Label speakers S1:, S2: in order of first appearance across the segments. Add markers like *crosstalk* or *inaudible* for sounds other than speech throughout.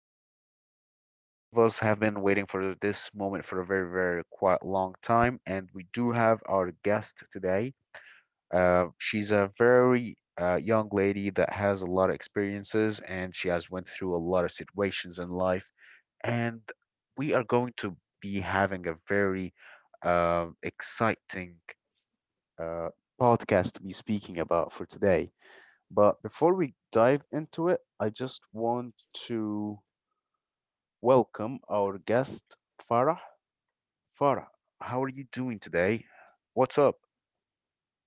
S1: basically all of us have been waiting for this moment for a very quite long time. And we do have our guest today. She's a very young lady that has a lot of experiences and she has went through a lot of situations in life. And we are going to be having a very exciting uh, podcast to be speaking about for today. But before we dive into it, I just want to welcome our guest, Farah. Farah, how are you doing today? What's up?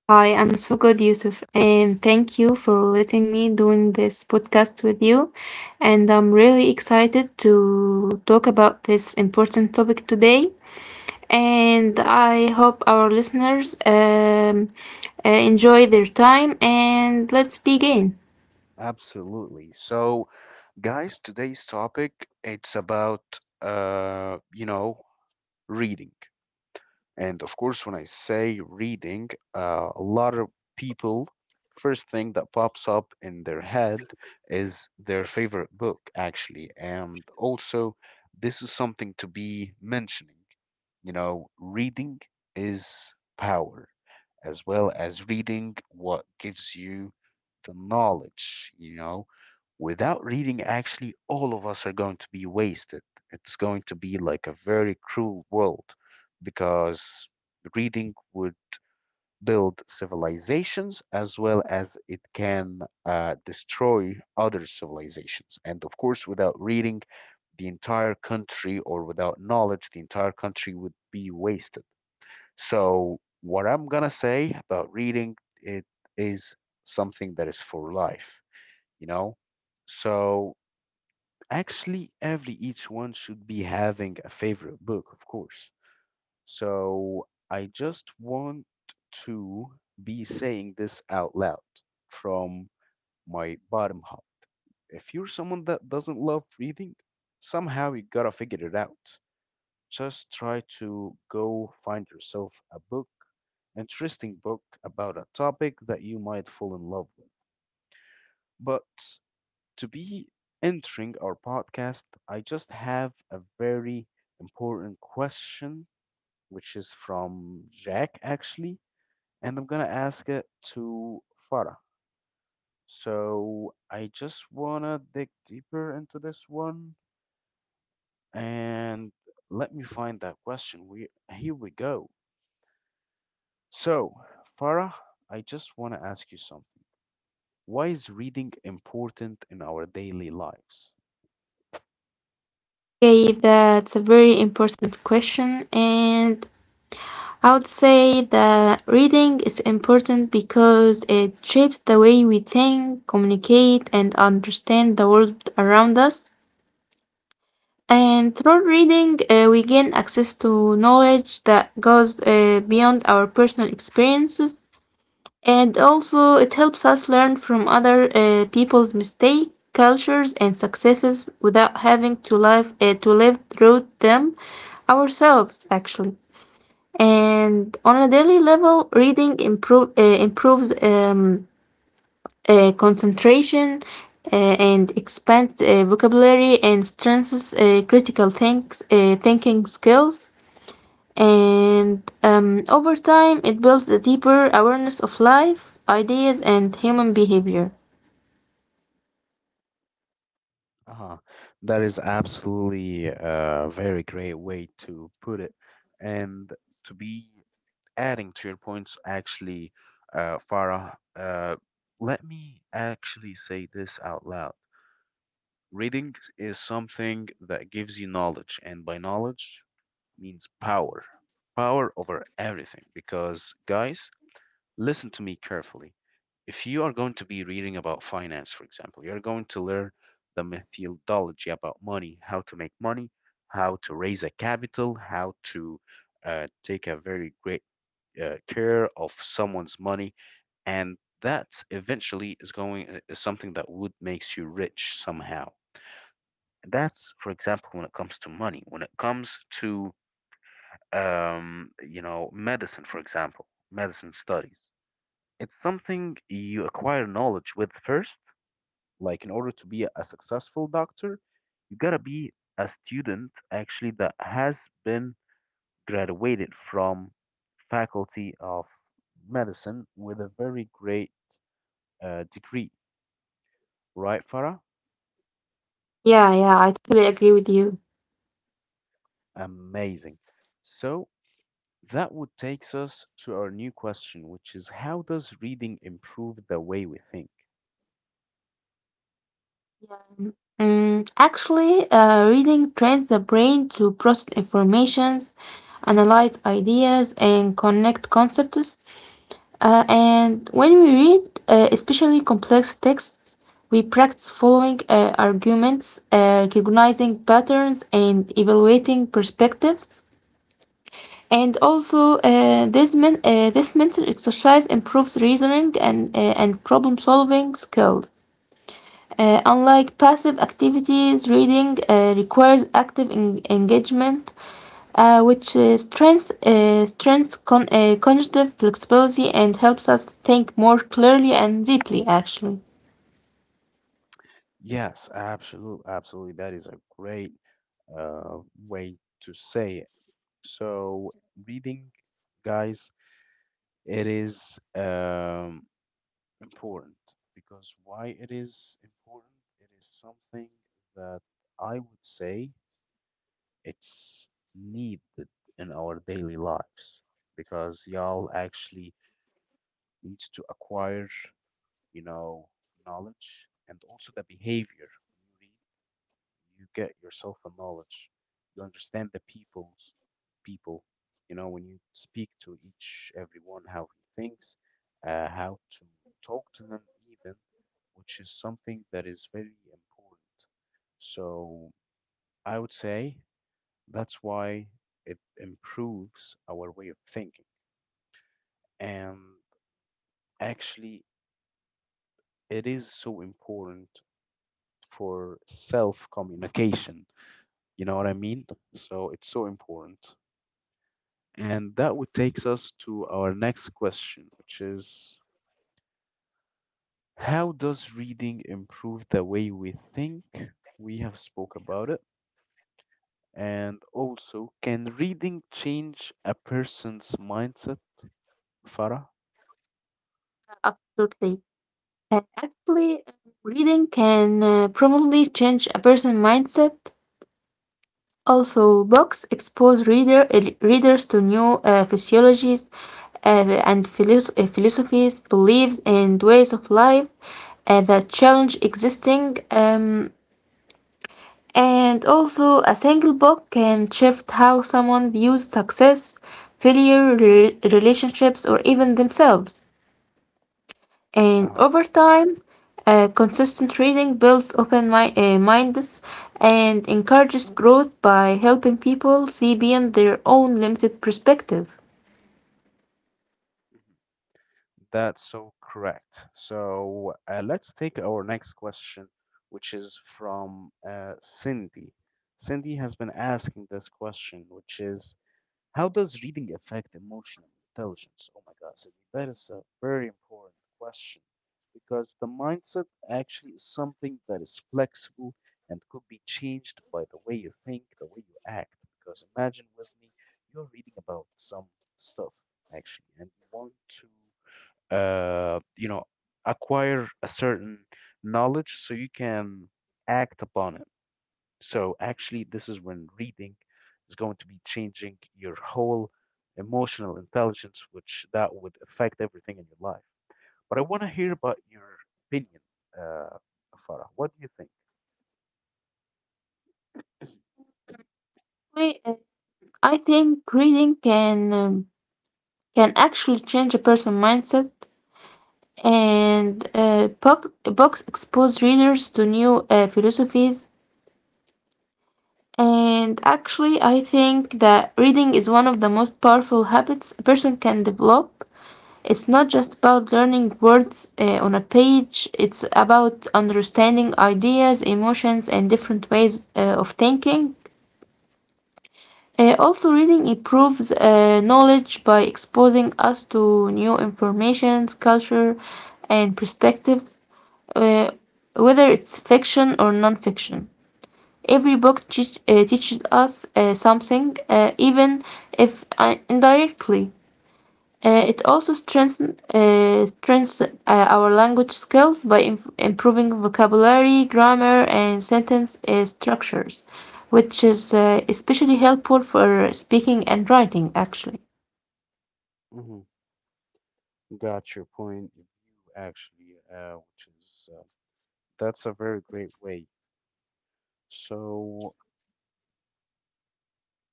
S2: Hi, I'm so good, Yusuf, and thank you for letting me doing this podcast with you. And I'm really excited to talk about this important topic today. And I hope our listeners enjoy their time. And let's begin.
S1: Absolutely. So, guys, today's topic it's about reading. And of course, when I say reading, a lot of people, first thing that pops up in their head is their favorite book, actually. And also, this is something to be mentioning. You know, reading is power, as well as reading what gives you the knowledge, you know. Without reading, actually, all of us are going to be wasted. It's going to be like a very cruel world because reading would build civilizations as well as it can destroy other civilizations. And of course, without reading, the entire country, or without knowledge, the entire country would be wasted. So, what I'm gonna say about reading, it is something that is for life, you know? So, actually, every each one should be having a favorite book, of course. So I just want to be saying this out loud from my bottom up. If you're someone that doesn't love reading, somehow you gotta figure it out. Just try to go find yourself a book, interesting book about a topic that you might fall in love with. But to be entering our podcast, I just have a very important question, which is from Jack actually, and I'm gonna ask it to Farah. So I just wanna dig deeper into this one and let me find that question. We Here we go. So Farah, I just wanna ask you something. Why is reading important in our daily lives?
S2: Okay, that's a very important question, and I would say that reading is important because it shapes the way we think, communicate, and understand the world around us. And through reading, we gain access to knowledge that goes beyond our personal experiences. And also, it helps us learn from other people's mistakes, cultures, and successes without having to live through them ourselves actually. And on a daily level, reading improves concentration uh, and expands vocabulary and strengthens critical thinking skills. And over time it builds a deeper awareness of life, ideas, and human behavior.
S1: Uh-huh. That is absolutely a very great way to put it, and to be adding to your points, actually, Farah, let me actually say this out loud. Reading is something that gives you knowledge, and by knowledge means power, power over everything. Because, guys, listen to me carefully. If you are going to be reading about finance, for example, you're going to learn the methodology about money, how to make money, how to raise a capital, how to take a very great care of someone's money, and that eventually is going is something that would makes you rich somehow. That's for example when it comes to money. When it comes to you know medicine, for example, medicine studies, it's something you acquire knowledge with first, like in order to be a successful doctor, you got to be a student actually that has been graduated from faculty of medicine with a very great degree, right, Farah?
S2: Yeah, yeah, I totally agree with you.
S1: Amazing. So that would takes us to our new question, which is how does reading improve the way we think?
S2: Actually, reading trains the brain to process informations, analyze ideas, and connect concepts. And when we read, especially complex texts, we practice following arguments, recognizing patterns, and evaluating perspectives. And also, this mental exercise improves reasoning and problem solving skills.
S1: Mm.
S2: Unlike passive activities, reading requires active engagement, which strengths cognitive flexibility and helps us think more clearly and deeply, actually.
S1: Yes, absolutely, absolutely. That is a great uh, way to say it. So, reading, guys, it is important because why it is important? It is something that I would say it's needed in our daily lives because y'all actually needs to acquire, you know, knowledge and also the behavior. When you read, you get yourself a knowledge. You understand the people. You know, when you speak to each everyone how he thinks, how to talk to him even, which is something that is very important. So I would say that's why it improves our way of thinking. And actually, it is so important for self communication. You know what I mean? So it's so important. And that would takes us to our next question, which is how does reading improve the way we think? We have spoke about it. And also, can reading change a person's mindset, Farah?
S2: Absolutely. Actually, reading can probably change a person's mindset. Also, books expose readers to new physiologies and philosophies, beliefs, and ways of life that challenge existing. And also, a single book can shift how someone views success, failure, relationships, or even themselves. And
S1: أها.
S2: over time, consistent reading builds open minds and encourages growth by helping people see beyond their own limited perspective.
S1: Mhm. That's so correct. So let's take our next question, which is from Cindy. Cindy has been asking this question, which is how does reading affect emotional intelligence? Oh my God, Sydney, that is a very important question because the mindset actually is something that is flexible and could be changed by the way you think, the way you act. Because imagine with me, you're reading about some stuff actually, and you want to, you know, acquire a certain knowledge so you can act upon it. So actually, this is when reading is going to be changing your whole emotional intelligence, which that would affect everything in your life. But I want to hear about your opinion, uh, Farah. What do you think?
S2: Anyway, I think reading can actually change a person's mindset, and books expose readers to new philosophies. And actually I think that reading is one of the most powerful habits a person can develop. It's not just about learning words on a page, it's about understanding ideas, emotions, and different ways of thinking. Also, reading improves knowledge by exposing us to new informations, culture, and perspectives, uh, whether it's fiction or non-fiction. Every book teaches us something, even if indirectly. It also strengthens our language skills by improving vocabulary, grammar, and sentence structures, which is especially helpful for speaking and writing, actually.
S1: Mhm. Got your point of view, actually, which is that's a very great way. So,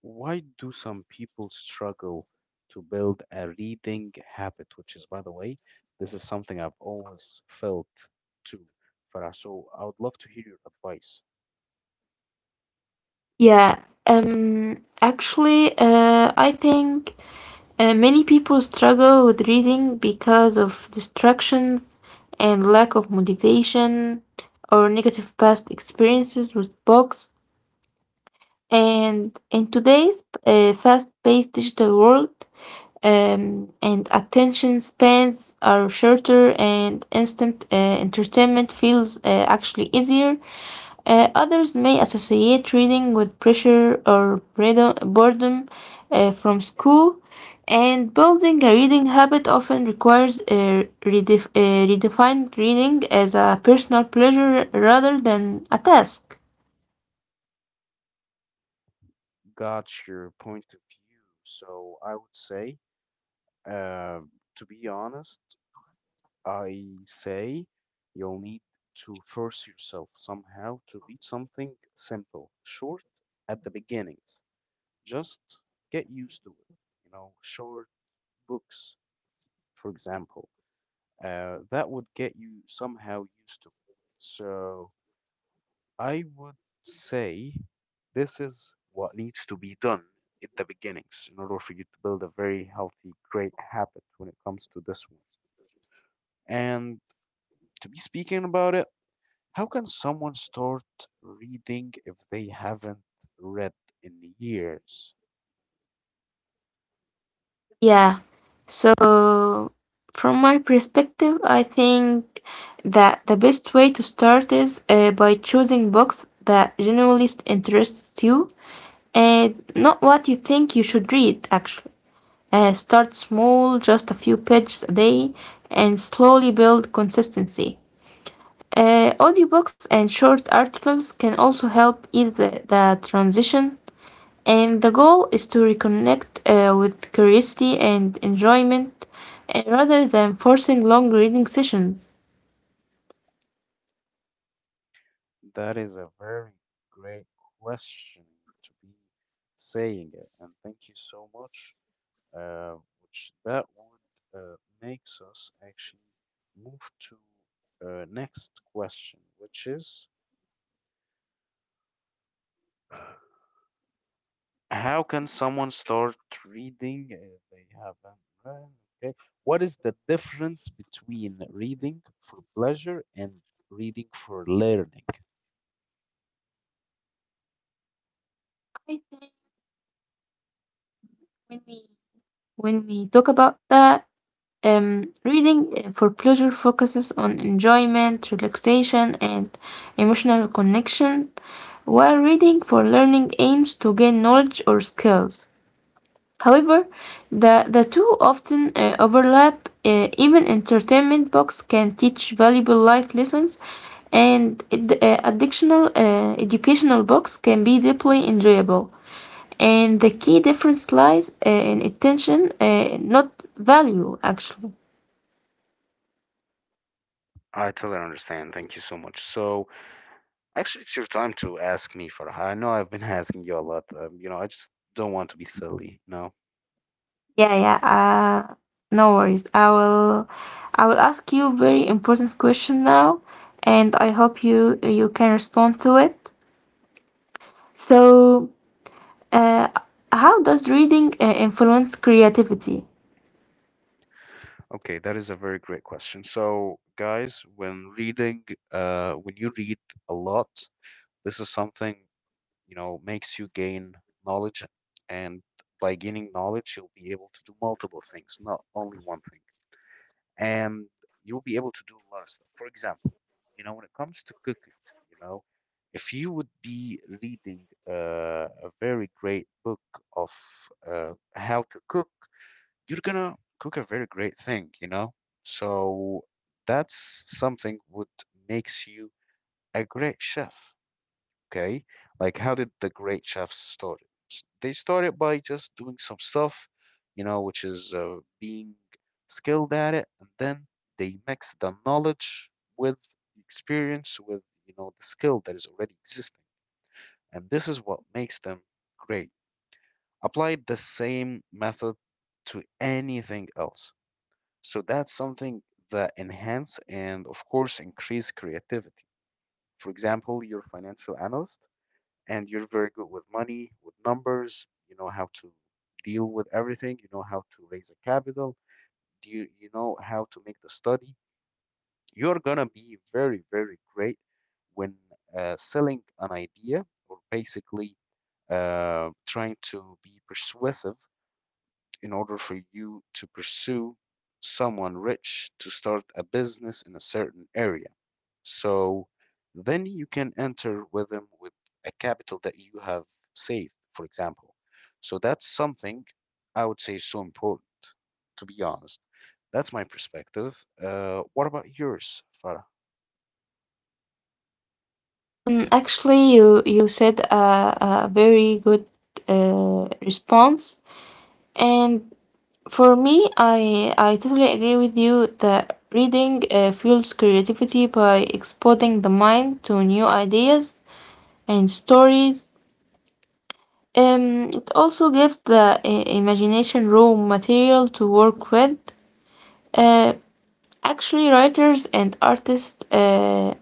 S1: why do some people struggle to build a reading habit? Which is, by the way, this is something I've always felt too, Farah. So, I would love to hear your advice.
S2: Yeah, actually, I think many people struggle with reading because of distractions and lack of motivation or negative past experiences with books. And in today's fast-paced digital world, and attention spans are shorter, and instant entertainment feels actually easier. Others may associate reading with pressure or boredom, from school, and building a reading habit often requires redefined reading as a personal pleasure rather than a task.
S1: Got your point of view. So, I would say, uh, to be honest, I say you'll need to force yourself somehow to read something simple, short at the beginnings. Just get used to it. You know, short books, for example, that would get you somehow used to it. So I would say this is what needs to be done at the beginnings in order for you to build a very healthy, great habit when it comes to this one. And to be speaking about it, how can someone start reading if they haven't read in years?
S2: Yeah. So, from my perspective, I think that the best way to start is by choosing books that genuinely interest you and not what you think you should read, actually. Start small, just a few pages a day, and slowly build consistency. Audiobooks and short articles can also help ease the transition, and the goal is to reconnect with curiosity and enjoyment rather than forcing long reading sessions.
S1: That is a very great question to be saying it, and thank you so much. Uh, which that would Makes us actually move to next question, which is how can someone start reading if they haven't read? Okay. What is the difference between reading for pleasure and reading for learning?
S2: I think when we talk about that, reading for pleasure focuses on enjoyment, relaxation, and emotional connection, while reading for learning aims to gain knowledge or skills. However, the two often overlap. Even entertainment books can teach valuable life lessons, and ad- addictional educational books can be deeply enjoyable. And the key difference lies in attention, not value, actually.
S1: I totally understand. Thank you so much. So, actually, it's your time to ask me, Farha. I know I've been *laughs* asking you a lot. You know, I just don't want to be silly. No.
S2: Yeah, yeah. Uh, no worries. I will ask you a very important question now, and I hope you can respond to it. So, Uh, how does reading influence creativity?
S1: Okay, that is a very great question. So, guys, when reading, when you read a lot, this is something, you know, makes you gain knowledge. And by gaining knowledge, you'll be able to do multiple things, not only one thing. And you'll be able to do a lot of stuff. For example, you know, when it comes to cooking, you know, if you would be reading a very great book of how to cook, you're gonna cook a very great thing, you know? So that's something what makes you a great chef. Okay, like how did the great chefs start? It? S- They started by just doing some stuff, you know, which is being skilled at it, and then they mix the knowledge with the experience, with you know the skill that is already existing, and this is what makes them great. Apply the same method to anything else. So that's something that enhance and of course increase creativity. For example, your financial analyst and you're very good with money, with numbers, you know how to deal with everything, you know how to raise a capital, do you you know how to make the study, you're gonna be very, very great when selling an idea or basically trying to be persuasive in order for you to pursue someone rich to start a business in a certain area. So then you can enter with them with a capital that you have saved, for example. So that's something I would say is so important, to be honest. That's my perspective. What about yours, Farah?
S2: Actually, you said a very good response, and for me, I totally agree with you that reading fuels creativity by exposing the mind to new ideas and stories. It also gives the imagination raw material to work with. Uh, actually, writers and artists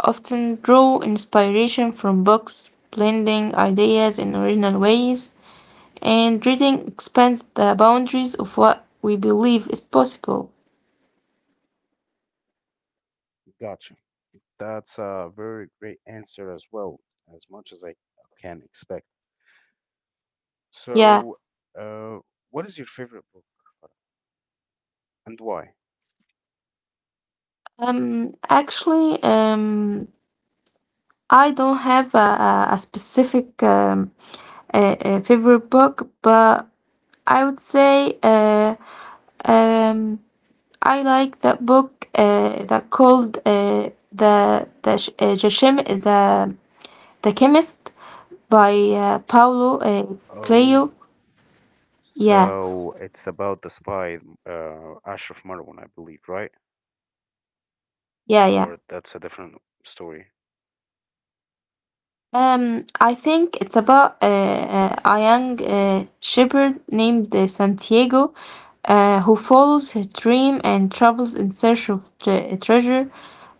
S2: often draw inspiration from books, blending ideas in original ways, and reading expands the boundaries of what we believe is possible.
S1: Gotcha. That's a very great answer as well, as much as I can expect.
S2: Yeah,
S1: So, uh, what is your favorite book? And why?
S2: actually, I don't have a specific a favorite book, but I would say um, I like that book that called the Jashim, the chemist. By Paulo Coelho.
S1: Oh,
S2: Yeah,
S1: so it's about the spy, Ashraf Marwan, I believe, right?
S2: yeah, yeah.
S1: Or that's a different story.
S2: I think it's about a young shepherd named Santiago, who follows his dream and travels in search of treasure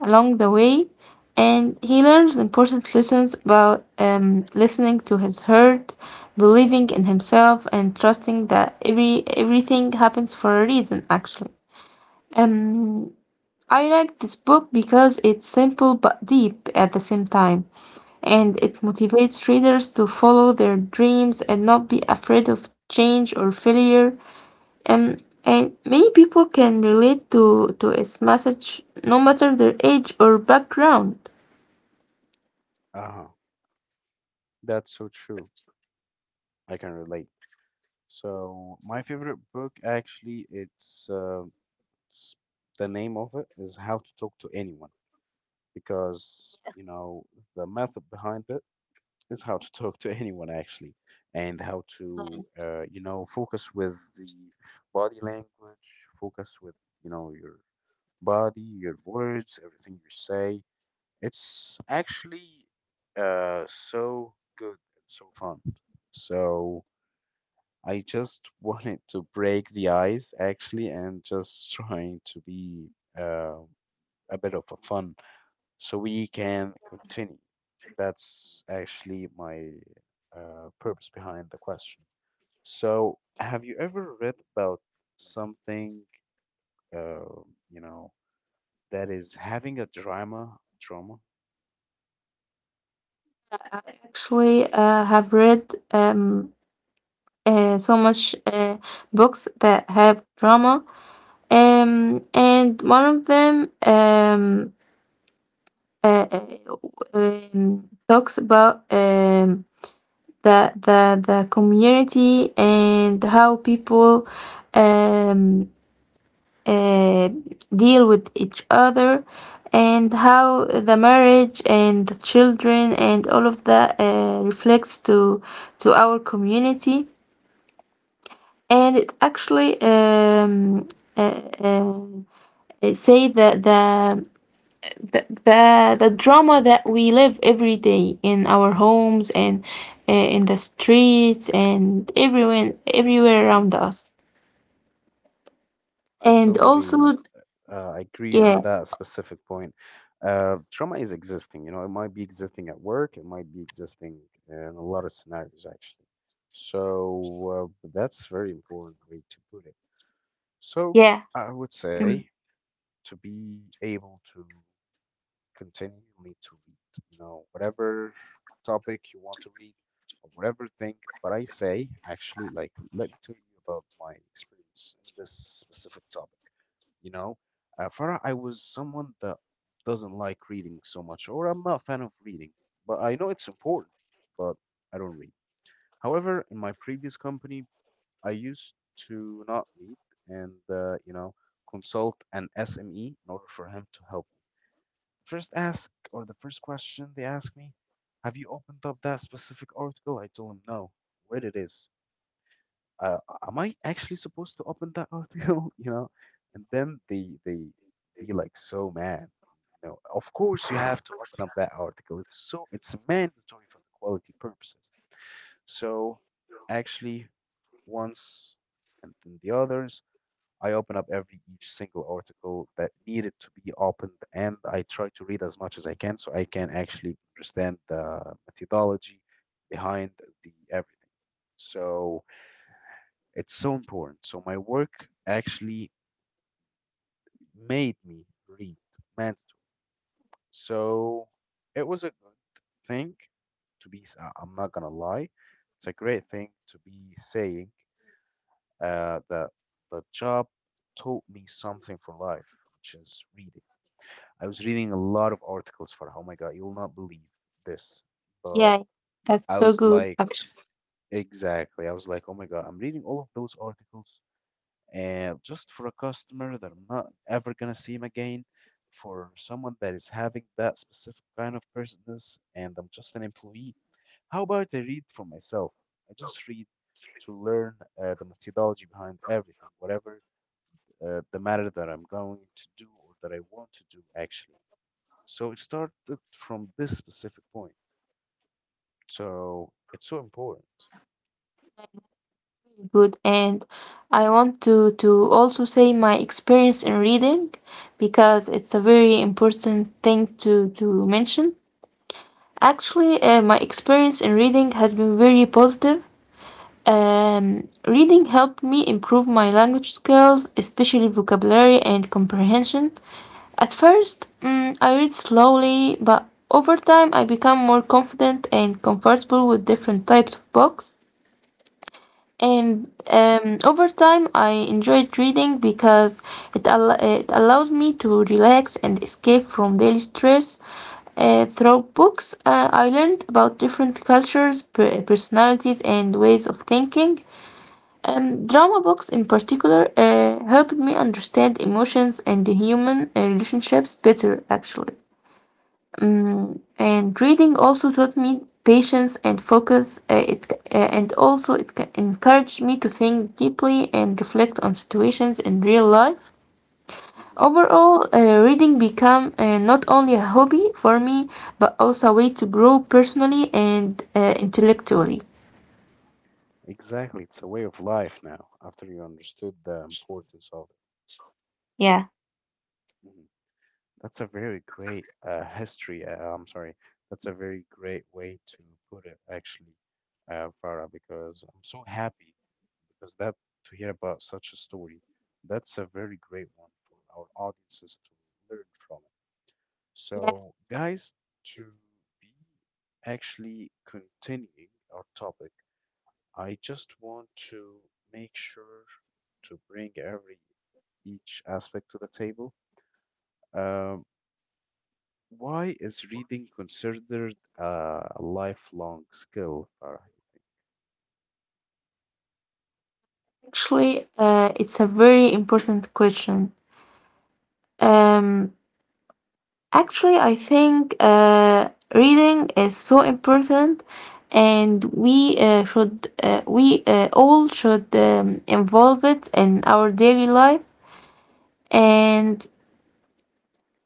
S2: along the way. And he learns important lessons about listening to his heart, believing in himself, and trusting that everything happens for a reason. Actually, um, I like this book because it's simple but deep at the same time, and
S1: Hmm.
S2: it motivates readers to follow their dreams and not be afraid of change or failure. And many people can relate to its message no matter their age or background.
S1: Uh-huh. That's so true. I can relate. So my favorite book actually it's, s- the name of it is How to Talk to Anyone because you know the method behind it is how to talk to anyone actually, and how to you know focus with the body language, focus with you know your body, your words, everything you say. It's actually so good and so fun. So I just *laughs* wanted to break the ice actually, and just trying to be uh, a bit of a fun so we can continue. That's actually my purpose behind the question. So, have you ever read about something, uh, you know, that is having a drama? Drama?
S2: Actually, have read um, so much books that have drama. And one of them uh, uh, talks about the community and how people um, uh, deal with each other, and how the marriage and the children and all of that reflects to our community. And it actually uh, uh, say that the drama that we live every day in our homes and in the streets and everywhere around us.
S1: I
S2: And
S1: totally
S2: also.
S1: agree in
S2: Yeah,
S1: that specific point. Trauma is existing, you know, it might be existing at work, it might be existing in a lot of scenarios, actually. So, that's very important way to put it. So,
S2: yeah,
S1: I would say
S2: mm,
S1: to be able to continue, you'll need to read, you know, whatever topic you want to read or whatever thing. But I say, actually, like, let me tell you about my experience in this specific topic. You know, Farah, I was someone that doesn't like reading so much, or I'm not a fan of reading, but I know it's important, but I don't read. However, in my previous company, I used to not read and, consult an SME in order for him to help. First ask, or the first question they asked me, have you opened up that specific article? I told them no. Where it is? Uh, am I actually supposed to open that article? *laughs* And then they be like so mad. You know, of course you have to open up that article. It's mandatory for the quality purposes. So actually, once and then the others. I open up every each single article that needed to be opened, and I try to read as much as I can so I can actually understand the methodology behind the everything. So it's so important. So my work actually made me read mandatory. So it was a good thing to be. I'm not gonna lie. It's a great thing to be saying that the job taught me something for life, which is reading. I was reading a lot of articles for, oh my God, you will not believe this. But
S2: yeah, that's
S1: I
S2: so
S1: was
S2: good
S1: like,
S2: actually.
S1: exactly. I was like, oh my God, I'm reading all of those articles just for a customer that I'm not ever gonna see him again, for someone that is having that specific kind of business, and I'm just an employee. How about I read for myself? I just read to learn the methodology behind everything, whatever the matter that I'm going to do or that I want to do, actually. So it started from this specific point. So it's so important.
S2: Really good. And I want to also say my experience in reading, because it's a very important thing to mention. Actually, my experience in reading has been very positive. Reading helped me improve my language skills, especially vocabulary and comprehension. At first, I read slowly, but over time, I become more confident and comfortable with different types of books.
S1: Mhm.
S2: And over time, I enjoyed reading because it allows me to relax and escape from daily stress. Through books, I learned about different cultures, personalities, and ways of thinking. Drama books in particular helped me understand emotions and the human relationships better, actually. And reading also taught me patience and focus. And also encouraged me to think deeply and reflect on situations in real life.
S1: Mhm.
S2: Overall, reading became not only a hobby for me, but also a way to grow personally and intellectually.
S1: Exactly. It's a way of life now after you understood the importance of it.
S2: Yeah.
S1: Mhm. That's a very great history. I'm sorry. That's a very great way to put it, actually, Farah, because I'm so happy because that to hear about such a story. That's a very great one for our audiences to learn from.
S2: Yeah,
S1: So, guys, to be actually continuing our topic, I just want to make sure to bring every each aspect to the table. Um, why is reading considered a lifelong skill, Farah?
S2: actually, it's a very important question. Um, actually, I think reading is so important, and we all should involve it in our daily life. And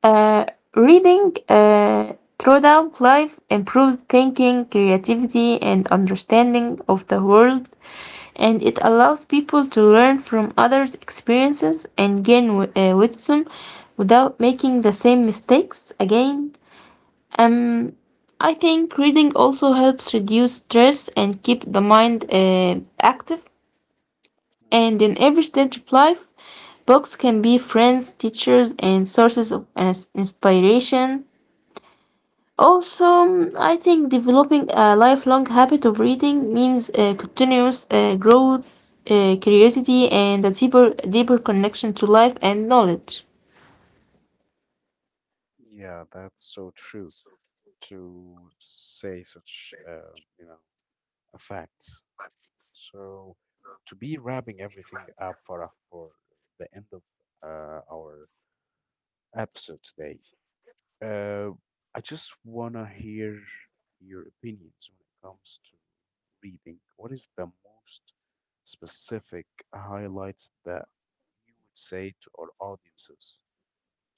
S2: uh, reading throughout life improves thinking, creativity, and understanding of the world, and it allows people to learn from others' experiences and gain wisdom without making the same mistakes again. Um, I think reading also helps reduce stress and keep the mind active.
S1: Mhm.
S2: And in every stage of life, books can be friends, teachers, and sources of inspiration. Also, I think developing a lifelong habit of reading means continuous growth, curiosity, and a deeper, deeper connection to life and knowledge.
S1: Yeah, that's so true to say such, you know, a fact. So, to be wrapping everything up for us for the end of our episode today, uh, I just wanna hear your opinions when it comes to reading. What is the most specific highlights that you would say to our audiences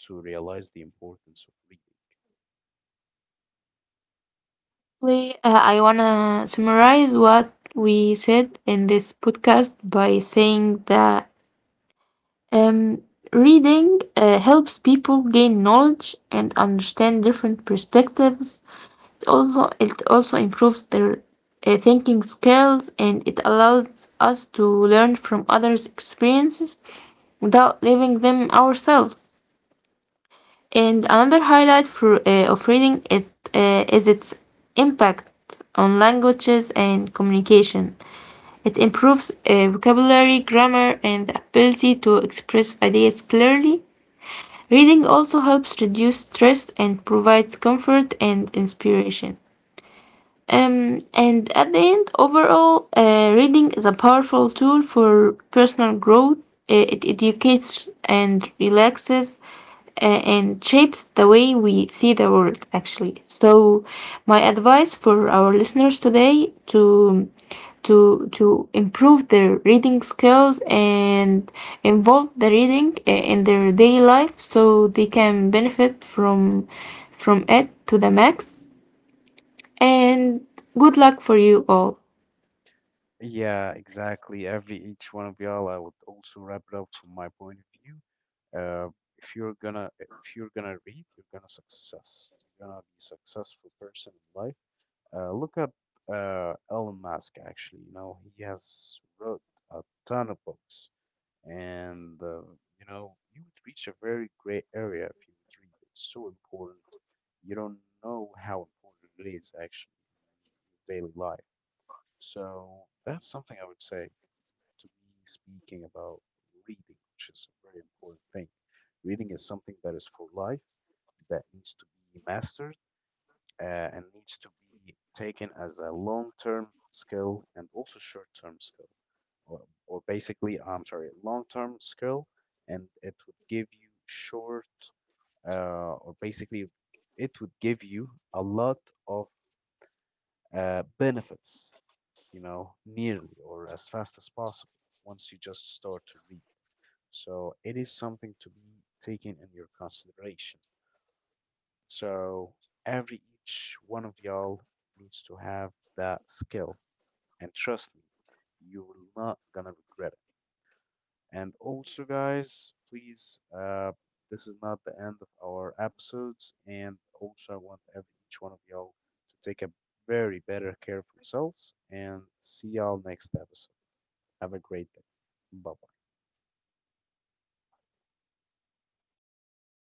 S1: to realize the importance of reading?
S2: Basically, I want to summarize what we said in this podcast by saying that um, reading helps people gain knowledge and understand different perspectives. It also improves their thinking skills, and it allows us to learn from others' experiences without living them ourselves. And another highlight of reading it is its impact on languages and communication. It improves vocabulary, grammar, and the ability to express ideas clearly. Reading also helps reduce stress and provides comfort and inspiration. And at the end, overall, reading is a powerful tool for personal growth. It educates and relaxes and shapes the way we see the world, actually. So my advice for our listeners today, to improve their reading skills and involve the reading in their daily life so they can benefit from it to the max, and good luck for you all.
S1: Yeah, exactly. Every each one of y'all, I would also wrap it up from my point of view. Uh, if you're gonna read, you're gonna success. You're gonna be successful person in life. Look at Elon Musk. Actually, you know he has wrote a ton of books, and you know you would reach a very great area if you would read. It's so important. You don't know how important it is actually in your daily life. So that's something I would say to be speaking about reading, which is a very important thing. Reading is something that is for life, that needs to be mastered, and needs to be taken as a long term skill and also short term skill. Or, or basically, I'm sorry, long term skill, and it would give you short, or basically, it would give you a lot of benefits, you know, nearly or as fast as possible once you just start to read. So it is something to be taken in your consideration. So every each one of y'all needs to have that skill. And trust me, you're not gonna regret it. And also, guys, please, this is not the end of our episodes. And also, I want every each one of y'all to take a very better care of themselves. And see y'all next episode. Have a great day. Bye bye.